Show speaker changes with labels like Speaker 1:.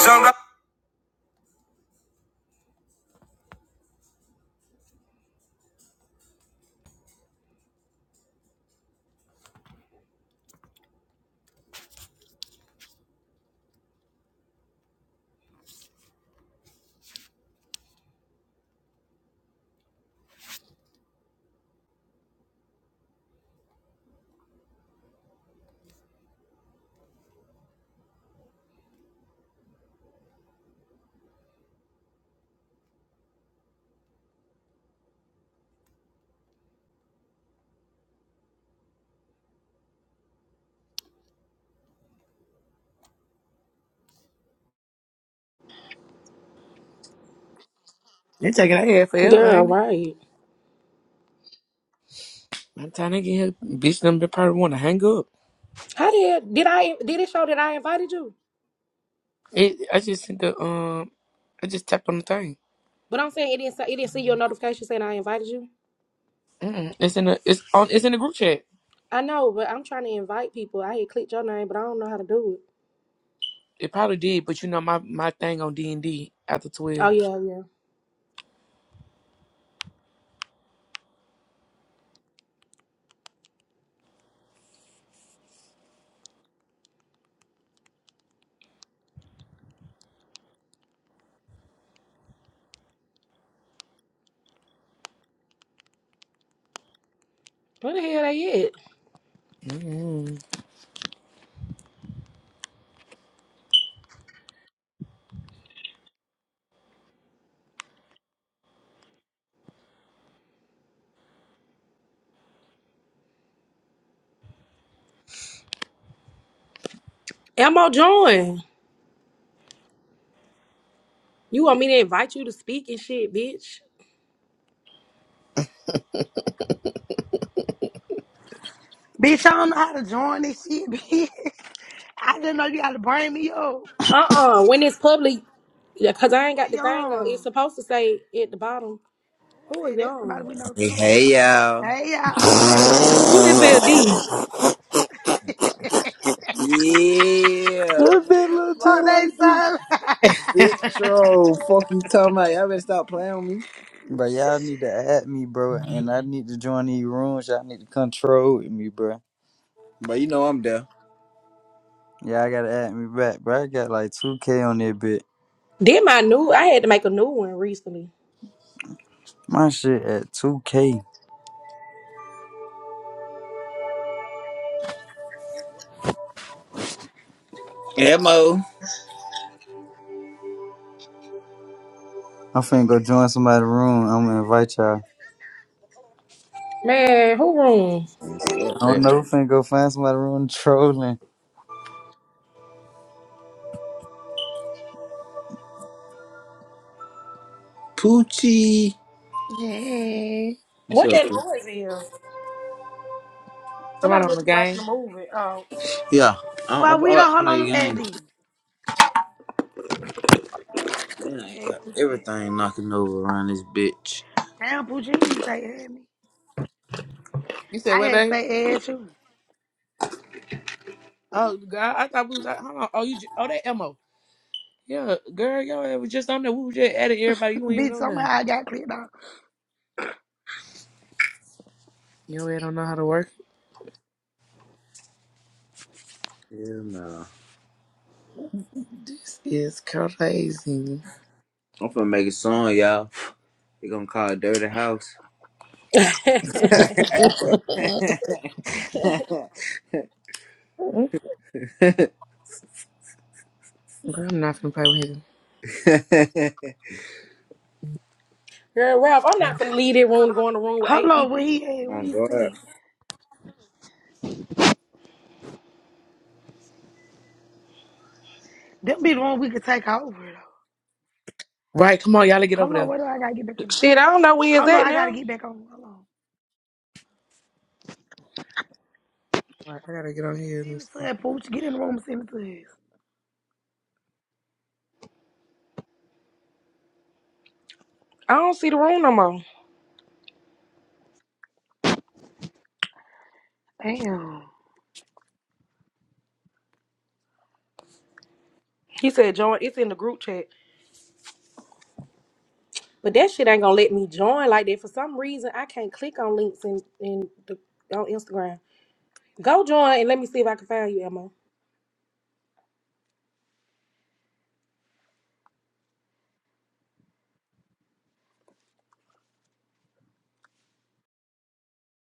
Speaker 1: Sometimes
Speaker 2: They taking her head forever,
Speaker 1: Girl,
Speaker 2: ain't it?
Speaker 1: right.
Speaker 2: By the time they get here, bitch, them they probably want to hang up.
Speaker 1: How did did I did it show that I invited you?
Speaker 2: It, I just sent the um, I just tapped on the thing.
Speaker 1: But I'm saying it didn't say- it didn't see your notification saying I invited you.
Speaker 2: Mm-mm. It's in the it's on it's in the group chat.
Speaker 1: I know, but I'm trying to invite people. I had clicked your name, but I don't know how to do it.
Speaker 2: It probably did, but you know my my thing on D and D after
Speaker 1: Oh
Speaker 2: twelve.
Speaker 1: yeah, yeah. Where the hell they at?
Speaker 2: Mm-mm.
Speaker 1: Elmo join. You want me to invite you to speak and shit, bitch?
Speaker 3: Bitch, I don't know how to join this shit, bitch. I didn't know you had to bring me up.
Speaker 1: Uh uh When it's public, yeah, cause I ain't got
Speaker 3: Who
Speaker 1: the thing on. It's
Speaker 3: young?
Speaker 1: supposed to say at the bottom.
Speaker 3: Who are
Speaker 1: Who are
Speaker 3: they? That's somebody
Speaker 1: y'all?
Speaker 3: we know
Speaker 4: Hey,
Speaker 3: too.
Speaker 4: hey, y'all.
Speaker 3: Hey, y'all, who are they?
Speaker 1: Who this LD?
Speaker 4: Yeah.
Speaker 5: That bit look just
Speaker 3: What they
Speaker 5: like this.
Speaker 3: son?
Speaker 4: bitch, bro. Fuck you talking about. Y'all better stop playing with me.
Speaker 5: Bro, y'all need to add me, bro, and I need to join these rooms. Y'all need to control with me, bro.
Speaker 4: But you know I'm there.
Speaker 5: Yeah, I gotta add me back, bro. I got like 2K on that bit.
Speaker 1: Then my new. I had to make a new one recently.
Speaker 5: My shit at 2K.
Speaker 4: Mo.
Speaker 5: I'm finna go join somebody's room. I'm gonna invite y'all.
Speaker 1: Man, who room?
Speaker 4: Fuck
Speaker 5: I don't
Speaker 4: that.
Speaker 5: know, finna go find somebody's room trolling.
Speaker 4: Poochie.
Speaker 2: Hey,
Speaker 4: What's
Speaker 1: What
Speaker 4: up,
Speaker 1: that
Speaker 4: Poochie?
Speaker 1: noise is? Somebody
Speaker 2: somebody on
Speaker 1: must
Speaker 2: the
Speaker 1: be
Speaker 2: game.
Speaker 1: watching the movie. Oh,
Speaker 4: Yeah. I'm, I'm
Speaker 3: but we don't
Speaker 4: about to
Speaker 3: hold
Speaker 4: play a
Speaker 3: on to
Speaker 4: game.
Speaker 3: Eddie.
Speaker 4: Damn, I
Speaker 3: Man,
Speaker 4: got
Speaker 3: Poochie Bad.
Speaker 4: everything knocking over around this bitch.
Speaker 3: Damn, Puccini say add me.
Speaker 2: You said
Speaker 3: I
Speaker 2: what,
Speaker 3: had to
Speaker 2: babe?
Speaker 3: say add you.
Speaker 2: Oh God, I thought we was hold on. Oh you ju- oh that Mo. Yeah, girl, y'all it was just on there. We was just at it. Everybody, you ain't even
Speaker 3: bitch,
Speaker 2: know
Speaker 3: somehow
Speaker 2: nothing.
Speaker 3: I got clicked off.
Speaker 2: You don't know how to work.
Speaker 4: Hell no.
Speaker 2: This is crazy.
Speaker 4: I'm finna make a song, y'all. They gonna call it Dirty House. oh,
Speaker 2: Girl, I'm not gonna play with him.
Speaker 1: girl, Ralph, I'm not finna leave that room to go in the room with eight
Speaker 3: Hello, what
Speaker 1: people.
Speaker 3: he had, what he
Speaker 4: God.
Speaker 3: seen? Them be the one we could take over though.
Speaker 2: Right, come on, y'all gotta get over
Speaker 3: Hello,
Speaker 2: there.
Speaker 3: what do I gotta get back on?
Speaker 1: Shit, I don't know where it's
Speaker 3: Hello,
Speaker 1: at
Speaker 3: I gotta
Speaker 1: now.
Speaker 3: get back on. Hold on.
Speaker 2: All right, I gotta get on here. Let me
Speaker 3: Send it to
Speaker 2: see.
Speaker 3: that Pooch. Get in the room, and send it to us.
Speaker 1: I don't see the room no more.
Speaker 3: Damn.
Speaker 1: He said join. It's in the group chat, but that shit ain't gonna let me join like that. For some reason, I can't click on links in in the on Instagram. Go join and let me see if I can find you, Emma.